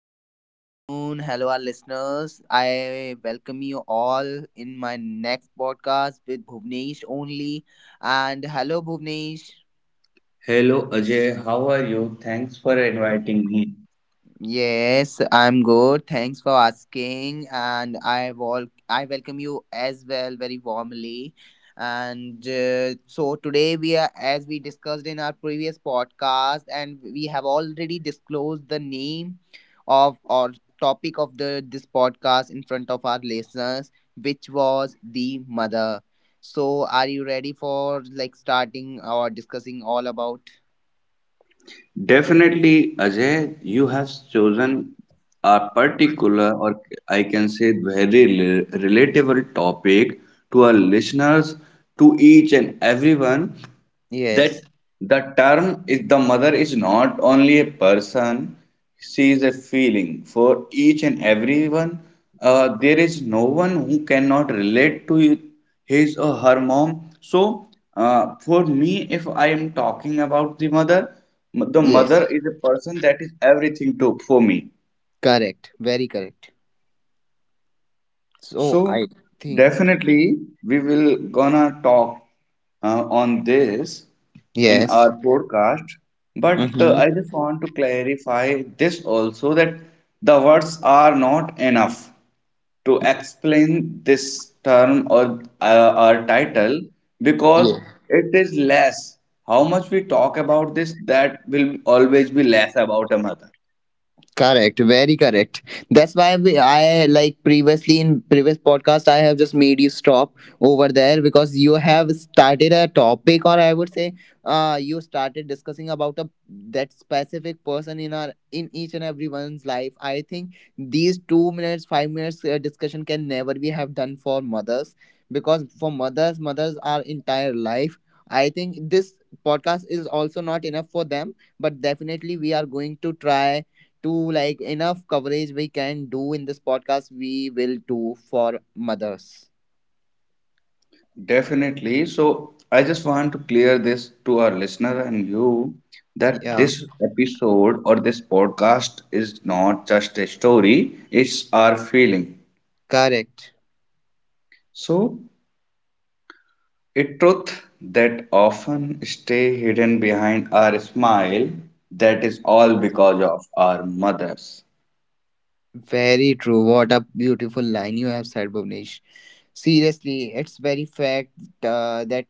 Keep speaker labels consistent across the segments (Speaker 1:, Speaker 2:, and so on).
Speaker 1: Very good afternoon. Hello, our listeners. I welcome you all in my next podcast with Bhuvnesh only. And hello, Bhuvnesh.
Speaker 2: Hello, Ajay, how are you? Thanks for inviting me.
Speaker 1: Yes, I'm good. Thanks for asking, and I welcome you as well very warmly. And so today we are, as we discussed in our previous podcast, and we have already disclosed the name of or topic of the this podcast in front of our listeners, which was the mother. So, are you ready for like starting or discussing all about?
Speaker 2: Definitely, Ajay, you have chosen a particular, or I can say, very relatable topic to our listeners, to each and everyone. That
Speaker 1: Yes.
Speaker 2: the term is the mother is not only a person, she is a feeling for each and everyone. There is no one who cannot relate to his or her mom. So for me, if I am talking about the mother, the mother
Speaker 1: Yes.
Speaker 2: is a person that is everything to for me.
Speaker 1: Correct. Very correct. So
Speaker 2: So
Speaker 1: I think
Speaker 2: definitely we will gonna talk on this in
Speaker 1: yes.
Speaker 2: our podcast. But
Speaker 1: Mm-hmm.
Speaker 2: I just want to clarify this also that the words are not enough to explain this term or our title, because
Speaker 1: Yeah.
Speaker 2: it is less. How much we talk about this, that will always be less about a mother.
Speaker 1: Correct, very correct. That's why I like previously in previous podcast I have just made you stop over there because you have started a topic, or I would say you started discussing about a that specific person in our in each and everyone's life. I think these 2 minutes 5 minutes discussion can never be have done for mothers because for mothers mothers are entire life. I think this podcast is also not enough for them, but definitely we are going to try to like enough coverage we can do in this podcast we will do for mothers.
Speaker 2: Definitely. So I just want to clear this to our listener and you that
Speaker 1: Yeah,
Speaker 2: this episode or this podcast is not just a story, it's our feeling.
Speaker 1: correct.
Speaker 2: So a truth that often stay hidden behind our smile, that is all because of our mothers.
Speaker 1: Very true. What a beautiful line you have said, Bhuvnesh. Seriously, it's very fact that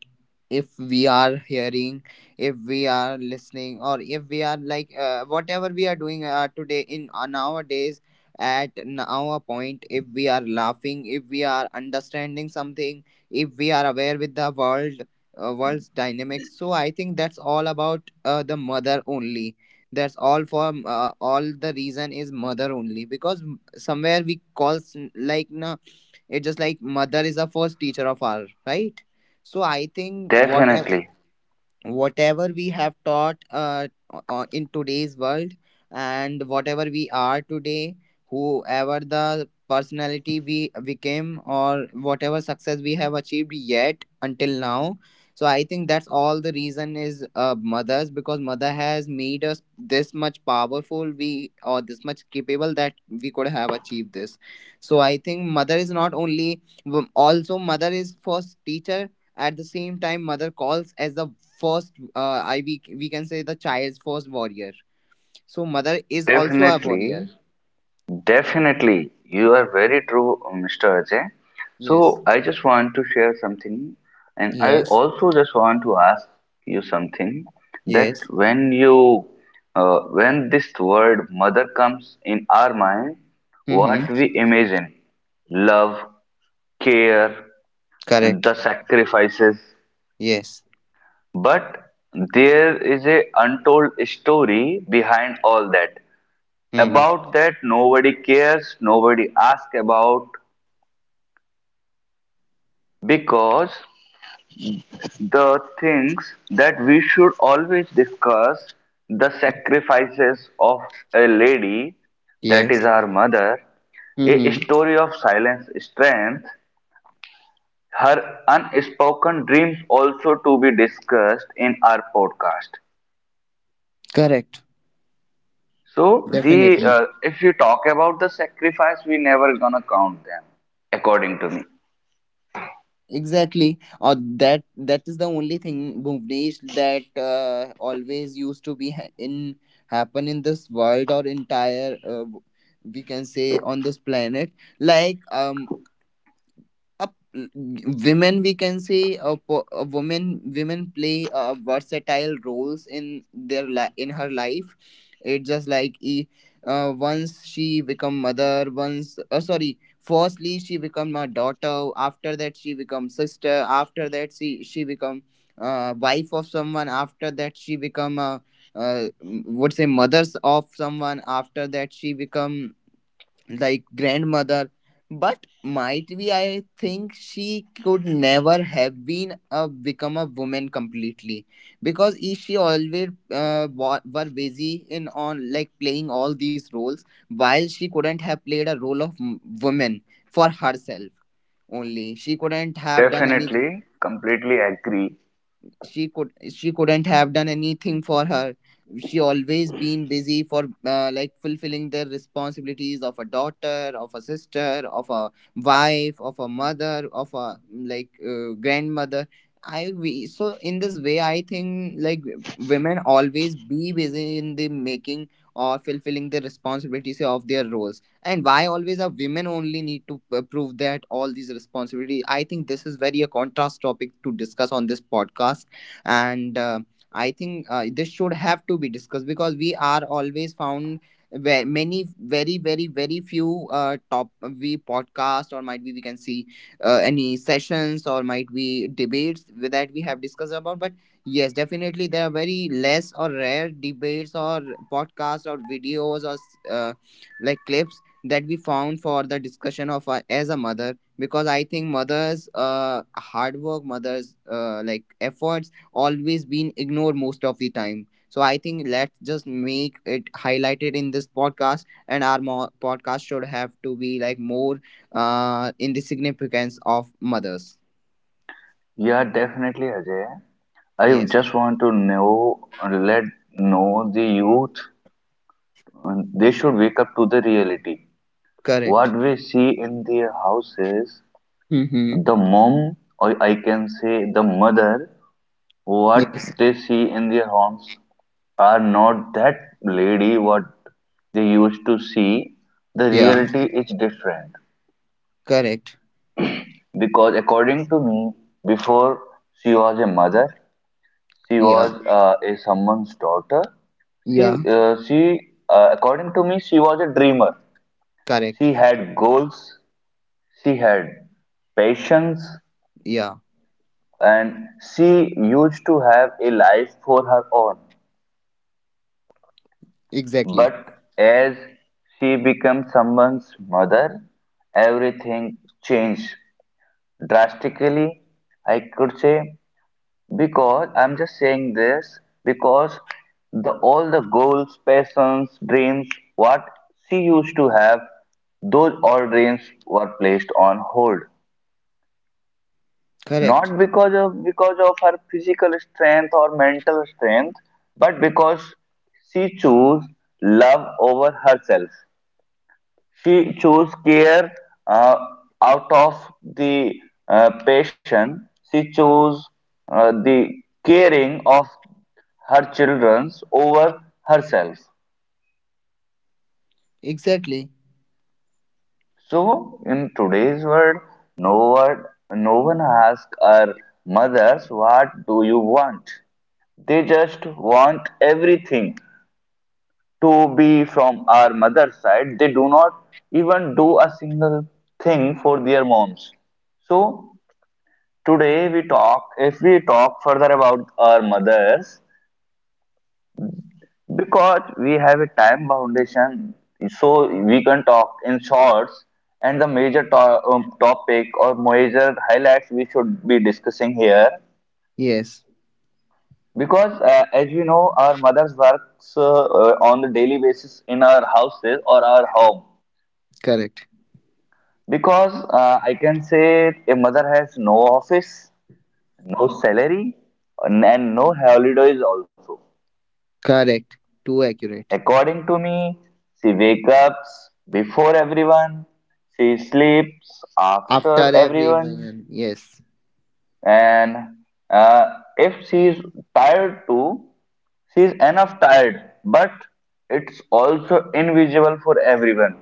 Speaker 1: if we are hearing, if we are listening, or if we are like whatever we are doing today in nowadays at now a point, if we are laughing, if we are understanding something, if we are aware with the world, world's dynamics. So I think that's all about the mother only, that's all for all the reason is mother only, because somewhere we calls like na, it's just like mother is the first teacher of our, right? So I think
Speaker 2: Definitely.
Speaker 1: whatever whatever we have taught in today's world, and whatever we are today, whoever the personality we became, or whatever success we have achieved yet until now. So I think that's all the reason is mothers, because mother has made us this much powerful we or this much capable that we could have achieved this. So I think mother is not only, also mother is first teacher, at the same time mother calls as the first, we can say, the child's first warrior. So mother is also a warrior.
Speaker 2: Definitely. Definitely, you are very true, Mr. Ajay.
Speaker 1: Yes.
Speaker 2: So I just want to share something, and I
Speaker 1: Yes.
Speaker 2: also just want to ask you something, that
Speaker 1: Yes.
Speaker 2: when this word mother comes in our mind,
Speaker 1: Mm-hmm.
Speaker 2: what we imagine, love, care, and
Speaker 1: Correct.
Speaker 2: the sacrifices.
Speaker 1: Yes.
Speaker 2: But there is a untold story behind all that.
Speaker 1: Mm.
Speaker 2: About that nobody cares, nobody asks about, because the things that we should always discuss, the sacrifices of a lady that is
Speaker 1: Yes.
Speaker 2: our mother, a
Speaker 1: Mm-hmm.
Speaker 2: story of silence strength, her unspoken dreams also to be discussed in our podcast.
Speaker 1: Correct.
Speaker 2: So the
Speaker 1: Definitely.
Speaker 2: if you talk about the sacrifice, we never gonna count them, according to me.
Speaker 1: Exactly. Or that, that is the only thing, Bhuvnesh, that always used to be ha- in happen in this world, or entire we can say on this planet, like a women we can say a woman women play versatile roles in in her life. It's just like once she become mother, once sorry, firstly she become a daughter, after that she become sister, after that she become wife of someone, after that she become a uh, would say mothers of someone, after that she become like grandmother. But might be I think she could never have been a become a woman completely, because she always were busy in on like playing all these roles, while she couldn't have played a role of woman for herself only. She couldn't have done any,
Speaker 2: Definitely, completely agree.
Speaker 1: she could, she couldn't have done anything for her. She always been busy for like fulfilling the responsibilities of a daughter, of a sister, of a wife, of a mother, of a like grandmother. So in this way I think like women always be busy in the making or fulfilling the responsibilities of their roles, and why always are women only need to prove that all these responsibilities? I think this is very a contrast topic to discuss on this podcast. And I think this should have to be discussed, because we are always found where many very very very few top we podcast, or might be we can see any sessions, or might be debates with that we have discussed about. But yes, definitely there are very less or rare debates, or podcasts, or videos, or like clips that we found for the discussion of as a mother. Because I think mothers hard work, mothers like efforts always been ignored most of the time. So I think let's just make it highlighted in this podcast, and our podcast should have to be like more in the significance of mothers.
Speaker 2: Yeah, definitely, Ajay. I
Speaker 1: Yes,
Speaker 2: just want to know, let know the youth. They should wake up to the reality. What
Speaker 1: correct.
Speaker 2: we see in their houses,
Speaker 1: Mm-hmm.
Speaker 2: the mom, or I can say the mother, what
Speaker 1: Yes.
Speaker 2: they see in their homes are not that lady what they used to see. The
Speaker 1: Yeah.
Speaker 2: reality is different,
Speaker 1: Correct.
Speaker 2: because, according to me, before she was a mother, she
Speaker 1: Yeah.
Speaker 2: was a someone's daughter. She,
Speaker 1: Yeah.
Speaker 2: uh, she, according to me, she was a dreamer.
Speaker 1: Correct.
Speaker 2: She had goals. She had patience,
Speaker 1: Yeah.
Speaker 2: and she used to have a life for her own.
Speaker 1: Exactly.
Speaker 2: But as she becomes someone's mother, everything changed drastically. I could say, because I'm just saying this because the all the goals, passions, dreams, what she used to have, those all dreams were placed on hold.
Speaker 1: Correct.
Speaker 2: Not because of her physical strength or mental strength, but because she chose love over herself. She chose care, uh, out of the passion. She chose the caring of her childrens over herself.
Speaker 1: Exactly.
Speaker 2: So in today's world, no one, no one asks our mothers, "What do you want?" They just want everything to be from our mother's side. They do not even do a single thing for their moms. So today we talk if we talk further about our mothers, because we have a time foundation, so we can talk in shorts, and the major topic or major highlights we should be discussing here,
Speaker 1: Yes.
Speaker 2: because as we know, our mothers works on the daily basis in our houses or our home,
Speaker 1: Correct.
Speaker 2: because I can say a mother has no office, no salary, and no holidays also.
Speaker 1: Correct. Too accurate.
Speaker 2: According to me, she wakes up before everyone, she sleeps
Speaker 1: After
Speaker 2: after everyone,
Speaker 1: everyone. Yes.
Speaker 2: and uh, if she is tired too, she is enough tired, but it's also invisible for everyone.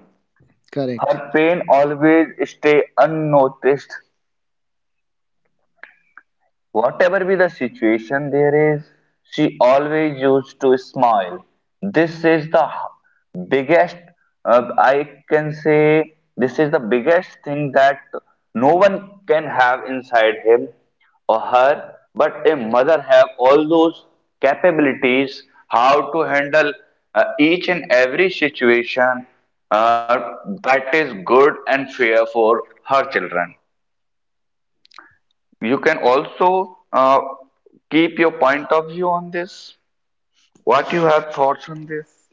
Speaker 1: Correct.
Speaker 2: Her pain always stay unnoticed. Whatever be the situation there is, she always used to smile. This is the biggest, I can say, this is the biggest thing that no one can have inside him or her, but a mother have all those capabilities how to handle each and every situation uh, that is good and fair for her children. You can also keep your point of view on this. What you have thoughts on this?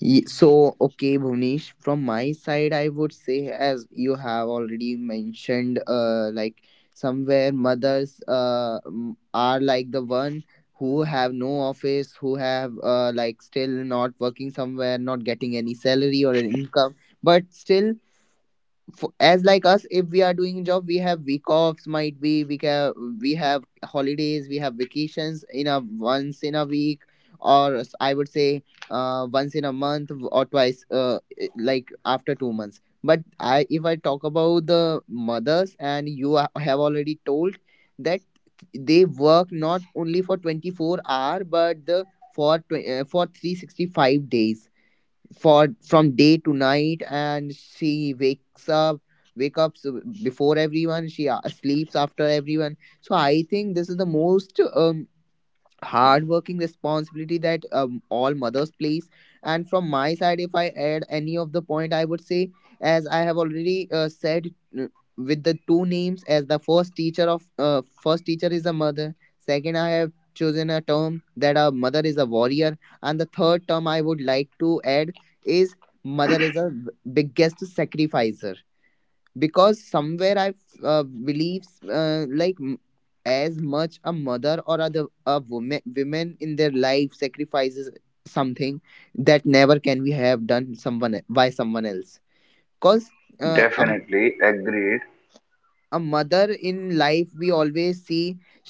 Speaker 1: So, okay, Bhuvnesh, from my side, I would say, as you have already mentioned, like somewhere mothers are like the one who have no office, who have like still not working somewhere, not getting any salary or an income, but still for, as like us, if we are doing job, we have week offs, might be we can we have holidays, we have vacations in a once in a week, or I would say once in a month, or twice like after 2 months. But I if I talk about the mothers, and you have already told that they work not only for 24 hour, but the for for 365 days, for from day to night. And she wakes up, wake up s- before everyone she sleeps after everyone. So I think this is the most hardworking responsibility that all mothers place. And from my side, if I add any of the point, I would say, as I have already said uh, with the two names, as the first teacher of, first teacher is a mother, second I have chosen a term that a mother is a warrior, and the third term I would like to add is mother is a biggest sacrificer. Because somewhere I uh, believe like as much a mother, or other a woman women in their life sacrifices something that never can be have done by someone else. Because uh, a
Speaker 2: Definitely agreed.
Speaker 1: a mother in life, we always see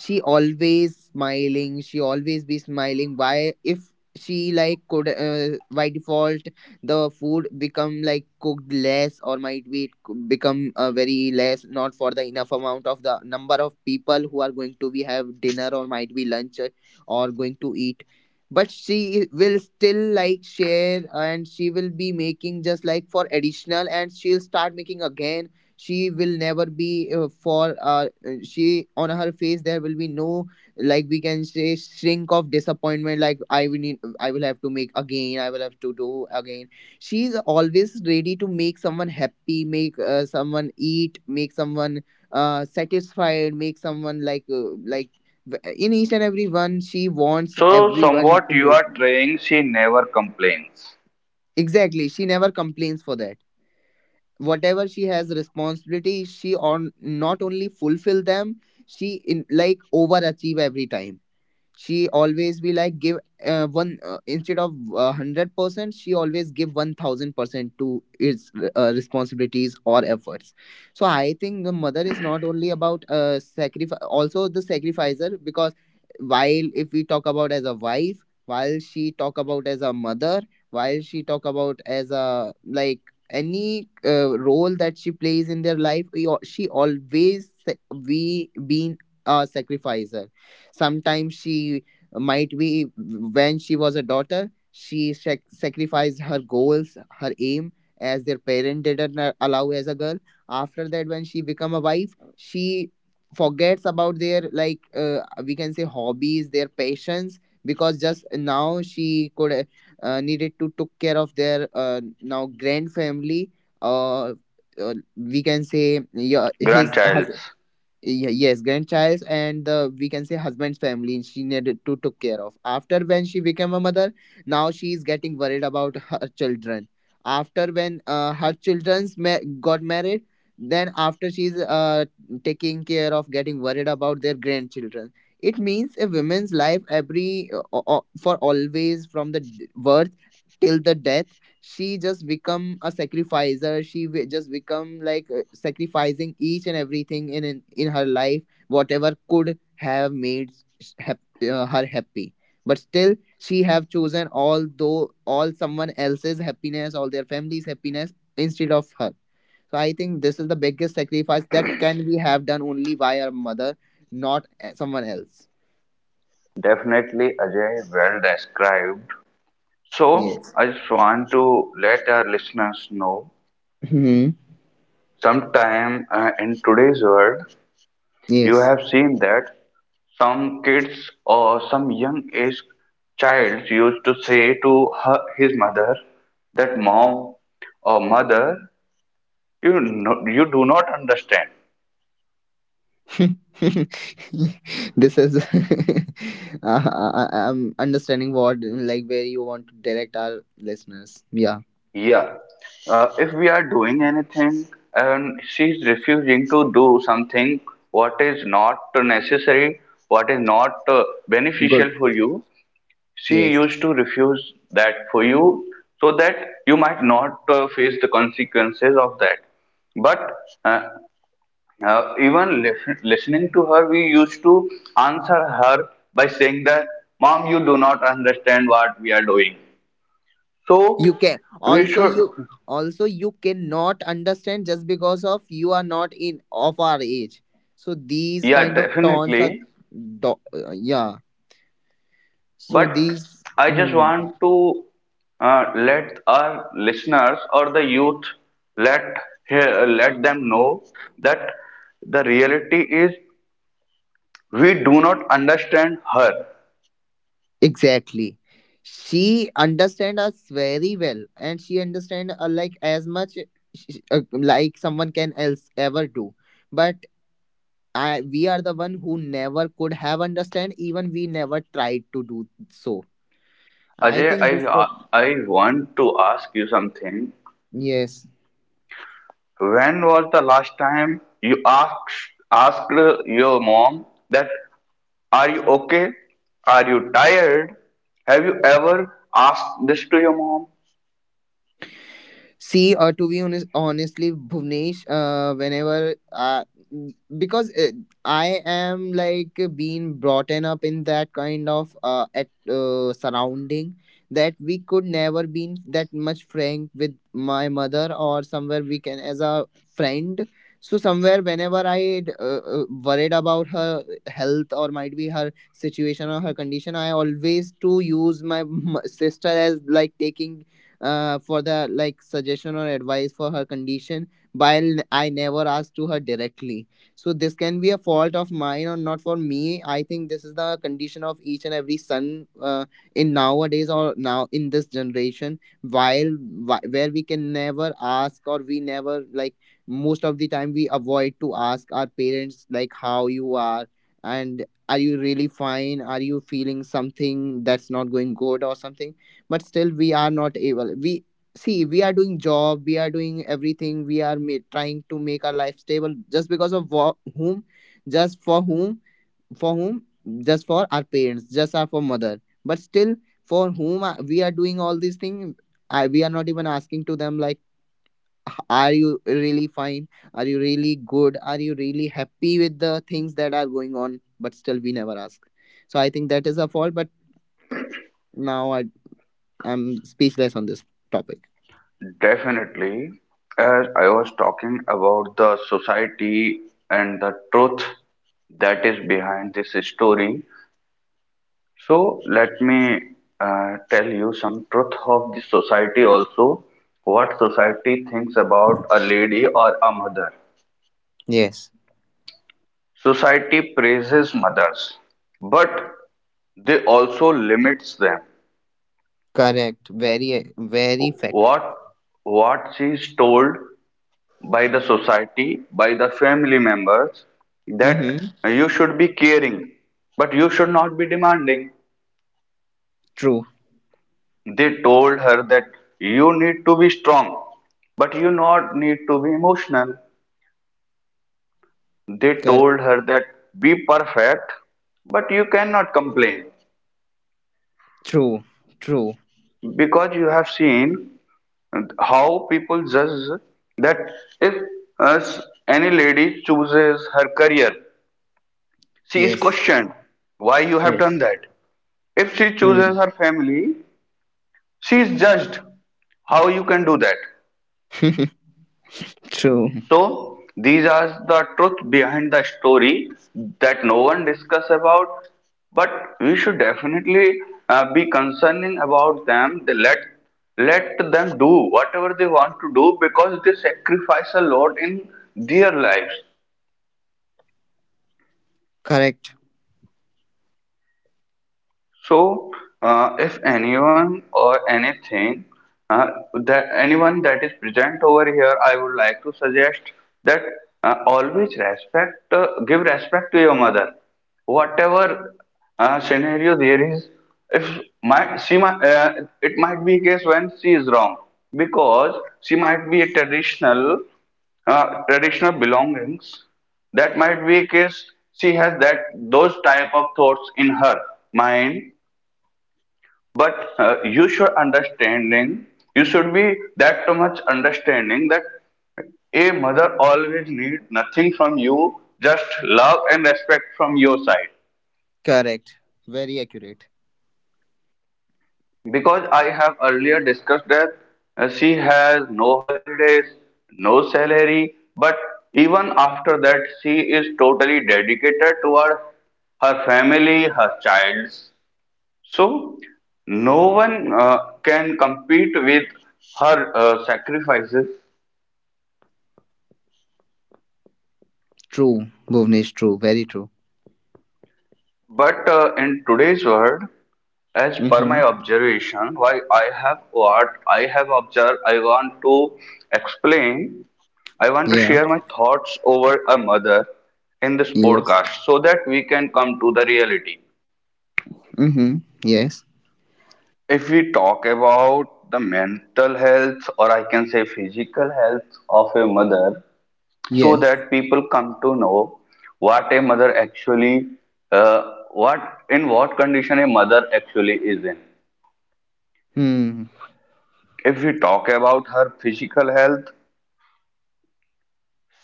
Speaker 1: she always smiling, she always be smiling. Why if she like could by default the food become like cooked less, or might be become very less, not for the enough amount of the number of people who are going to be have dinner, or might be lunch, or going to eat, but she will still like share, and she will be making just like for additional, and she'll start making again. She will never be for she on her face there will be no like we can say shrink of disappointment, like I will need, I will have to make again, I will have to do again. She's always ready to make someone happy, make someone eat, make someone satisfied, make someone like in each and every one she wants
Speaker 2: So,
Speaker 1: everyone
Speaker 2: somewhat
Speaker 1: to
Speaker 2: you
Speaker 1: make.
Speaker 2: are trying, she never complains.
Speaker 1: Exactly, she never complains for that. Whatever she has responsibility, she on not only fulfill them, she in like overachieve every time. She always be like give one instead of 100% she always give 1000% to its responsibilities or efforts. So I think the mother is not only about sacrifice, also the sacrificer. Because while if we talk about as a wife, while she talk about as a mother, while she talk about as a like any role that she plays in their life, she always sa- we been a sacrificer. Sometimes she might be, when she was a daughter, she sacrificed her goals, her aim, as their parent didn't allow as a girl. After that, when she become a wife, she forgets about their like we can say hobbies, their passions, because just now she could needed to took care of their now grand family. Uh, we can say yeah, his her
Speaker 2: Grandchilds.
Speaker 1: Yes grandchild and the we can say husband's family she needed to took care of. After when she became a mother, now she is getting worried about her children after when her got married. Then after she's taking care of, getting worried about their grandchildren. It means a woman's life every for always from the birth till the death she just become a sacrificer. She just become like sacrificing each and everything in her life, whatever could have her happy. But still she have chosen all though all someone else's happiness, all their family's happiness, instead of her. So I think this is the biggest sacrifice that can we have done only by our mother, not someone else.
Speaker 2: Definitely, Ajay, well described. So,
Speaker 1: Yes.
Speaker 2: I just want to let our listeners know,
Speaker 1: Hmm.
Speaker 2: sometime in today's world, you
Speaker 1: Yes.
Speaker 2: have seen that some kids or some young age child used to say to her, his mother, that, "Mom, or mother, you do not understand."
Speaker 1: This is I'm understanding what like where you want to direct our listeners, yeah.
Speaker 2: Yeah, if we are doing anything and she's refusing to do something what is not necessary, what is not
Speaker 1: Good.
Speaker 2: beneficial for you, she
Speaker 1: Yes,
Speaker 2: used to refuse that for you, so that you might not face the consequences of that. But uh, even listening to her, we used to answer her by saying that, "Mom, you do not understand what we are doing."
Speaker 1: you
Speaker 2: So
Speaker 1: can
Speaker 2: we should,
Speaker 1: also you cannot understand just because of you are not in of our age, so these
Speaker 2: yeah,
Speaker 1: kind of tones are
Speaker 2: definitely.
Speaker 1: yeah. So
Speaker 2: But
Speaker 1: these
Speaker 2: I just
Speaker 1: mm.
Speaker 2: want to let our listeners or the youth let hear, let them know, that the reality is we do not understand her.
Speaker 1: Exactly. She understand us very well, and she understand like as much like someone can else ever do. But we are the one who never could have understand. Even we never tried to do so. I
Speaker 2: Ajay,
Speaker 1: think this.
Speaker 2: I
Speaker 1: the-
Speaker 2: I want to ask you something.
Speaker 1: Yes.
Speaker 2: When was the last time you asked your mom that, are you okay? Are you tired? Have you ever asked this to your mom?
Speaker 1: See, to be honest, honestly, Bhuvnesh, whenever because I am like being brought and up in that kind of at surrounding that we could never been that much frank with my mother, or somewhere we can as a friend. So somewhere whenever I worried about her health, or might be her situation or her condition, I always to use my sister as like taking for the like suggestion or advice for her condition, while I never asked to her directly. So this can be a fault of mine or not, for me I think this is the condition of each and every son in nowadays, or now in this generation, while where we can never ask, or we never like most of the time we avoid to ask our parents like how you are, and are you really fine, are you feeling something that's not going good or something. But still we are not able, we see we are doing job, we are doing everything, we are trying to make our life stable just because of whom, just for whom, for whom, just for our parents, just our for mother. But still for we are doing all these things, we are not even asking to them like, Are you really fine, are you really good, are you really happy with the things that are going on?" But still we never ask. So I think that is a fault. But now I'm speechless on this topic.
Speaker 2: Definitely. As I was talking about the society and the truth that is behind this story, so let me tell you some truth of the society also, what society thinks about a lady or a mother.
Speaker 1: Yes,
Speaker 2: Society praises mothers, but they also limits them.
Speaker 1: correct. Very, very fact.
Speaker 2: What what she is told by the society, by the family members, that
Speaker 1: Mm-hmm.
Speaker 2: you should be caring, but you should not be demanding.
Speaker 1: True.
Speaker 2: They told her that you need to be strong, but you not need to be emotional. They
Speaker 1: Correct.
Speaker 2: told her that be perfect, but you cannot complain,
Speaker 1: True. True.
Speaker 2: because you have seen how people judge, that if as any lady chooses her career, she is
Speaker 1: Yes.
Speaker 2: questioned why you have
Speaker 1: Yes.
Speaker 2: done that. If she
Speaker 1: Hmm.
Speaker 2: chooses her family, she is judged how you can do that.
Speaker 1: True.
Speaker 2: So these are the truth behind the story that no one discuss about, but we should definitely be concerning about them. They let them do whatever they want to do, because they sacrifice a lot in their lives.
Speaker 1: Correct.
Speaker 2: So, if anyone or anything, uh, that anyone that is present over here, I would like to suggest that, always respect, give respect to your mother. Whatever scenario there is, if my she might, it might be case when she is wrong, because she might be a traditional belongings, that might be a case she has that those type of thoughts in her mind, but you should understanding, you should be that too much understanding, that a mother always need nothing from you, just love and respect from your side,
Speaker 1: Correct. Very accurate.
Speaker 2: because I have earlier discussed that she has no holidays, no salary, but even after that she is totally dedicated toward her family, her childs. So, no one can compete with her sacrifices.
Speaker 1: True. Bhuvnesh, true. Very true.
Speaker 2: But in today's world, as per my
Speaker 1: Mm-hmm.
Speaker 2: observation, why I have what I have observed, I want to explain, I want to
Speaker 1: Yeah.
Speaker 2: share my thoughts over a mother in this
Speaker 1: Yes.
Speaker 2: podcast, so that we can come to the reality.
Speaker 1: Mm-hmm. Yes.
Speaker 2: If we talk about the mental health, or I can say physical health of a mother, so
Speaker 1: Yes.
Speaker 2: that people come to know what a mother actually, what in what condition a mother actually is in.
Speaker 1: Hmm.
Speaker 2: If we talk about her physical health,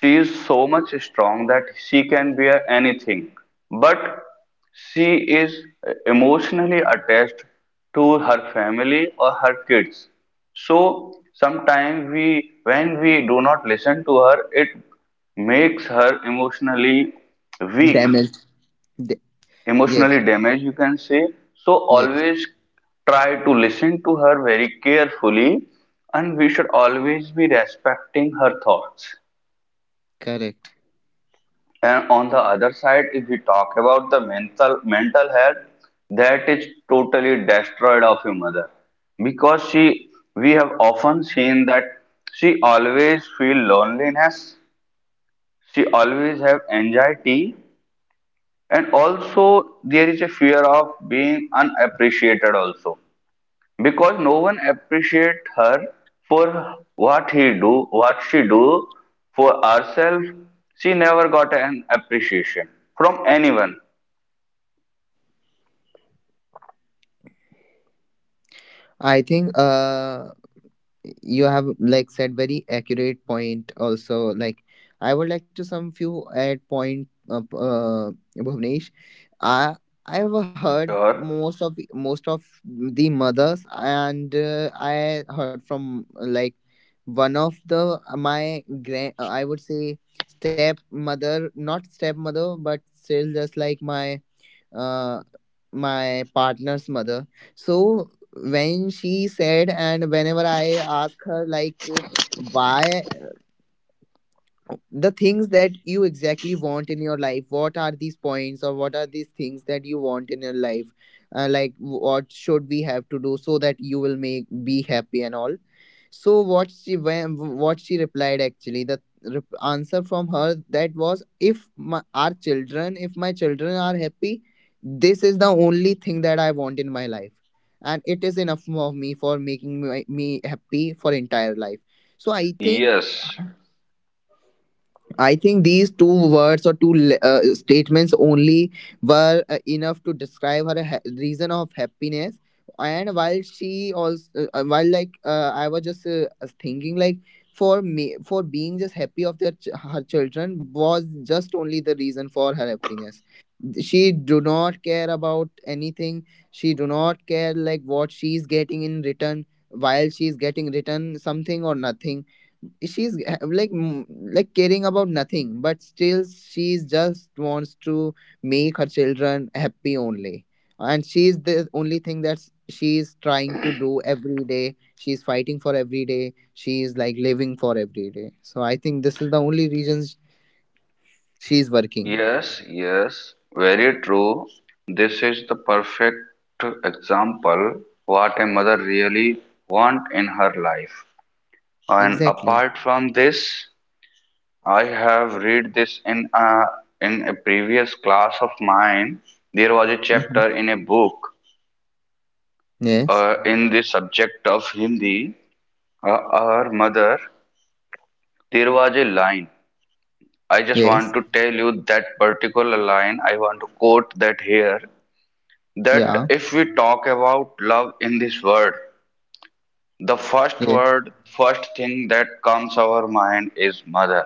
Speaker 2: she is so much strong that she can bear anything, but she is emotionally attached to her family or her kids. So sometimes we when we do not listen to her, it makes her emotionally weak,
Speaker 1: Damaged. Da- yes.
Speaker 2: emotionally damaged, you can say. So
Speaker 1: Yes.
Speaker 2: always try to listen to her very carefully, and we should always be respecting her thoughts.
Speaker 1: Correct.
Speaker 2: And on the other side, if we talk about the mental health, that is totally destroyed of your mother, because she we have often seen that she always feel loneliness, she always have anxiety, and also there is a fear of being unappreciated also, because no one appreciate her for what she do for herself. She never got an appreciation from anyone.
Speaker 1: I think. You have like said very accurate point also, like I would like to some few add point Bhuvnesh, i I have heard
Speaker 2: Sure.
Speaker 1: most of most of the mothers, and I heard from like one of the my grand, I would say stepmother, not stepmother, but still just like my uh, my partner's mother. So when she said, and whenever I ask her, like, why the things that you exactly want in your life, what are these points or what are these things that you want in your life, like what should we have to do so that you will make be happy and all. So what she when what she replied actually the answer from her that was, if our children, if my children are happy, this is the only thing that I want in my life, and it is enough of me for making me happy for entire life. So
Speaker 2: Yes,
Speaker 1: I think these two words or two statements only were enough to describe her reason of happiness. And while she also, while like I was just thinking, like for me, for being just happy of their her children was just only the reason for her happiness. She do not care about anything, she do not care like what she's getting in return, while she's getting return something or nothing, she's like like caring about nothing, but still she's just wants to make her children happy only. And she's the only thing that she's trying to do every day, she's fighting for every day, she's like living for every day. So I think this is the only reasons she's working.
Speaker 2: yes, yes, very true. This is the perfect example what a mother really want in her life. And
Speaker 1: Exactly.
Speaker 2: apart from this, I have read this in a previous class of mine. There was a
Speaker 1: Mhm.
Speaker 2: chapter in a book,
Speaker 1: Yes.
Speaker 2: in the subject of Hindi, our mother. There was a line. I just
Speaker 1: Yes.
Speaker 2: want to tell you that particular line. I want to quote that here. That
Speaker 1: Yeah.
Speaker 2: if we talk about love in this world, the first
Speaker 1: Yeah.
Speaker 2: word, first thing that comes our mind is mother.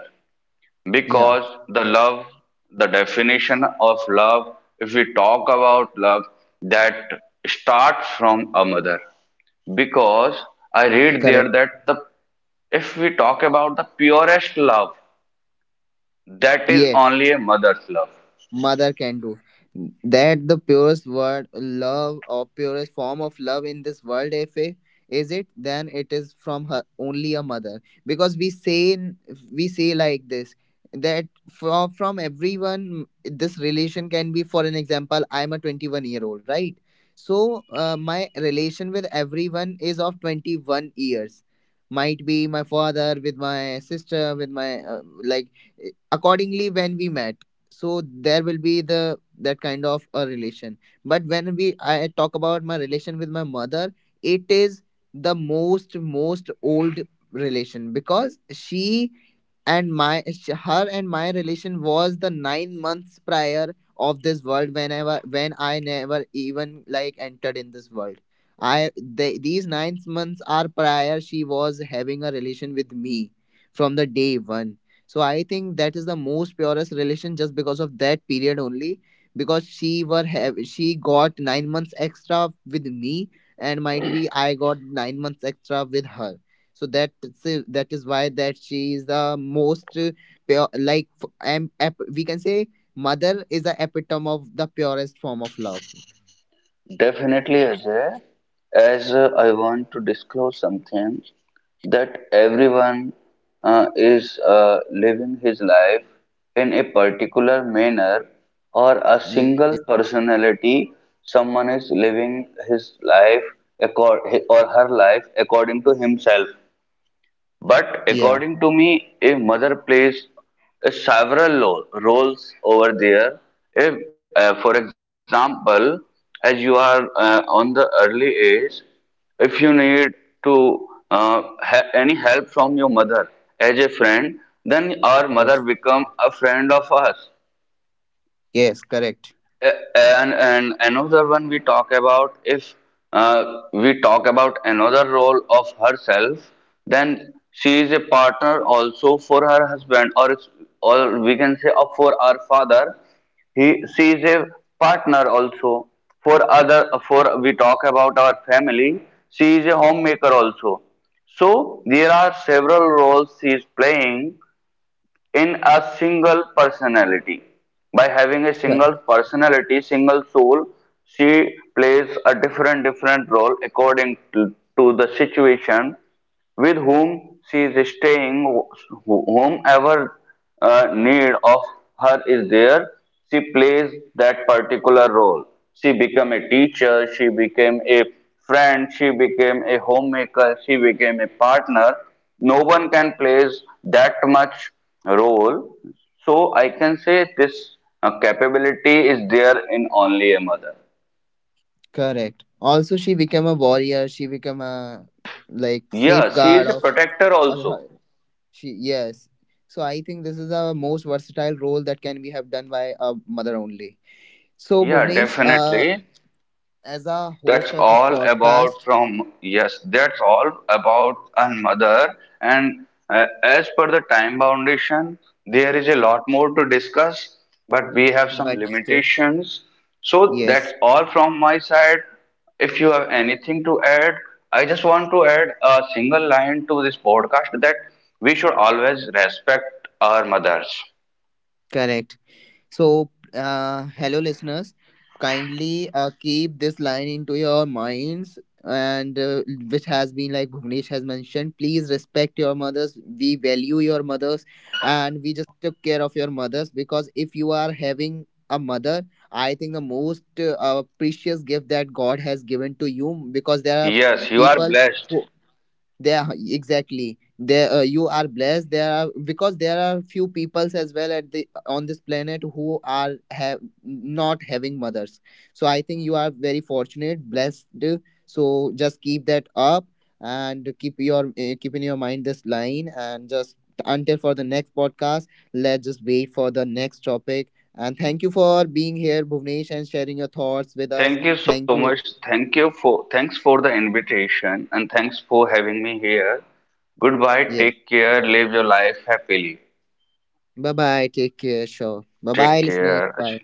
Speaker 1: Yeah.
Speaker 2: Because the love, the definition of love, if we talk about love, that starts from a mother. Because I read
Speaker 1: Correct.
Speaker 2: there that the if we talk about the purest love, that is
Speaker 1: Yes.
Speaker 2: only a mother's love.
Speaker 1: Mother can do that the purest word love, or purest form of love in this world, if it is it, then it is from her only, a mother. Because we say, we say like this that from everyone this relation can be, for an example, I'm a 21-year old, right? So my relation with everyone is of 21 years, might be my father, with my sister, with my like accordingly when we met. So there will be the that kind of a relation. But when we I talk about my relation with my mother, it is the most most old relation, because she, and my her and my relation was the 9 months prior of this world, whenever when I never even like entered in this world. These 9 months are prior she was having a relation with me, from the day one. So I think that is the most purest relation, just because of that period only. Because she were have she got 9 months extra with me, and might be I got 9 months extra with her. So that is why that she is the most pure, like we can say mother is the epitome of the purest form of love.
Speaker 2: Definitely, Ajay, as I want to disclose something, that everyone is living his life in a particular manner, or a
Speaker 1: Yes.
Speaker 2: single personality, someone is living his life, accord, or her life according to himself.
Speaker 1: Yeah.
Speaker 2: But according to me, a mother plays several roles over there. If, for example, as you are on the early age, if you need to any help from your mother as a friend, then our mother
Speaker 1: Yes.
Speaker 2: become a friend of us.
Speaker 1: Yes. Correct.
Speaker 2: And another one we talk about, if uh, we talk about another role of herself, then she is a partner also for her husband, or or we can say of for our father. He She is a partner also for other, for we talk about our family. She is a homemaker also. So there are several roles she is playing, in a single personality. By having a single
Speaker 1: Cor-
Speaker 2: personality, single soul, she plays a different role according to the situation, with whom she is staying, whomever need of her is there, she plays that particular role. She became a teacher, she became a friend, she became a homemaker, she became a partner. No one can plays that much role. So I can say this capability is there in only a mother.
Speaker 1: Correct. Also, she became a warrior. She became a like
Speaker 2: Yeah, she
Speaker 1: safeguard
Speaker 2: is a
Speaker 1: of
Speaker 2: protector
Speaker 1: all
Speaker 2: also.
Speaker 1: her, she yes. So I think this is the most versatile role that can be have done by a mother only. So
Speaker 2: Yeah,
Speaker 1: Bhuvnesh,
Speaker 2: definitely.
Speaker 1: as a
Speaker 2: That's
Speaker 1: host of this
Speaker 2: all about
Speaker 1: podcast,
Speaker 2: from, yes, that's all about a mother. And as per the time foundation, there is a lot more to discuss, but we have some
Speaker 1: but still
Speaker 2: limitations. So that's
Speaker 1: yes,
Speaker 2: all from my side. If you have anything to add, I just want to add a single line to this podcast, that we should always respect our mothers.
Speaker 1: correct. So, hello, listeners. Kindly keep this line into your minds, and which has been like Bhuvnesh has mentioned, please respect your mothers. We value your mothers, and we just took care of your mothers, because if you are having a mother, I think the most precious gift that God has given to you. Because there are
Speaker 2: Yes, you are
Speaker 1: people,
Speaker 2: blessed.
Speaker 1: who there, exactly there you are blessed, there are, because there are few peoples as well at the on this planet who are have not having mothers. So I think you are very fortunate, blessed. So just keep that up, and keep your keep in your mind this line. And just until for the next podcast, let's just wait for the next topic. And thank you for being here, Bhuvnesh, and sharing your thoughts with us.
Speaker 2: Thank you so
Speaker 1: Thank
Speaker 2: much.
Speaker 1: you.
Speaker 2: Thanks for the invitation, and thanks for having me here. Goodbye.
Speaker 1: Yes,
Speaker 2: Take care. Live your life happily.
Speaker 1: bye bye, take care, sure, bye
Speaker 2: Take
Speaker 1: bye listeners,
Speaker 2: care. अच्छा,
Speaker 1: bye.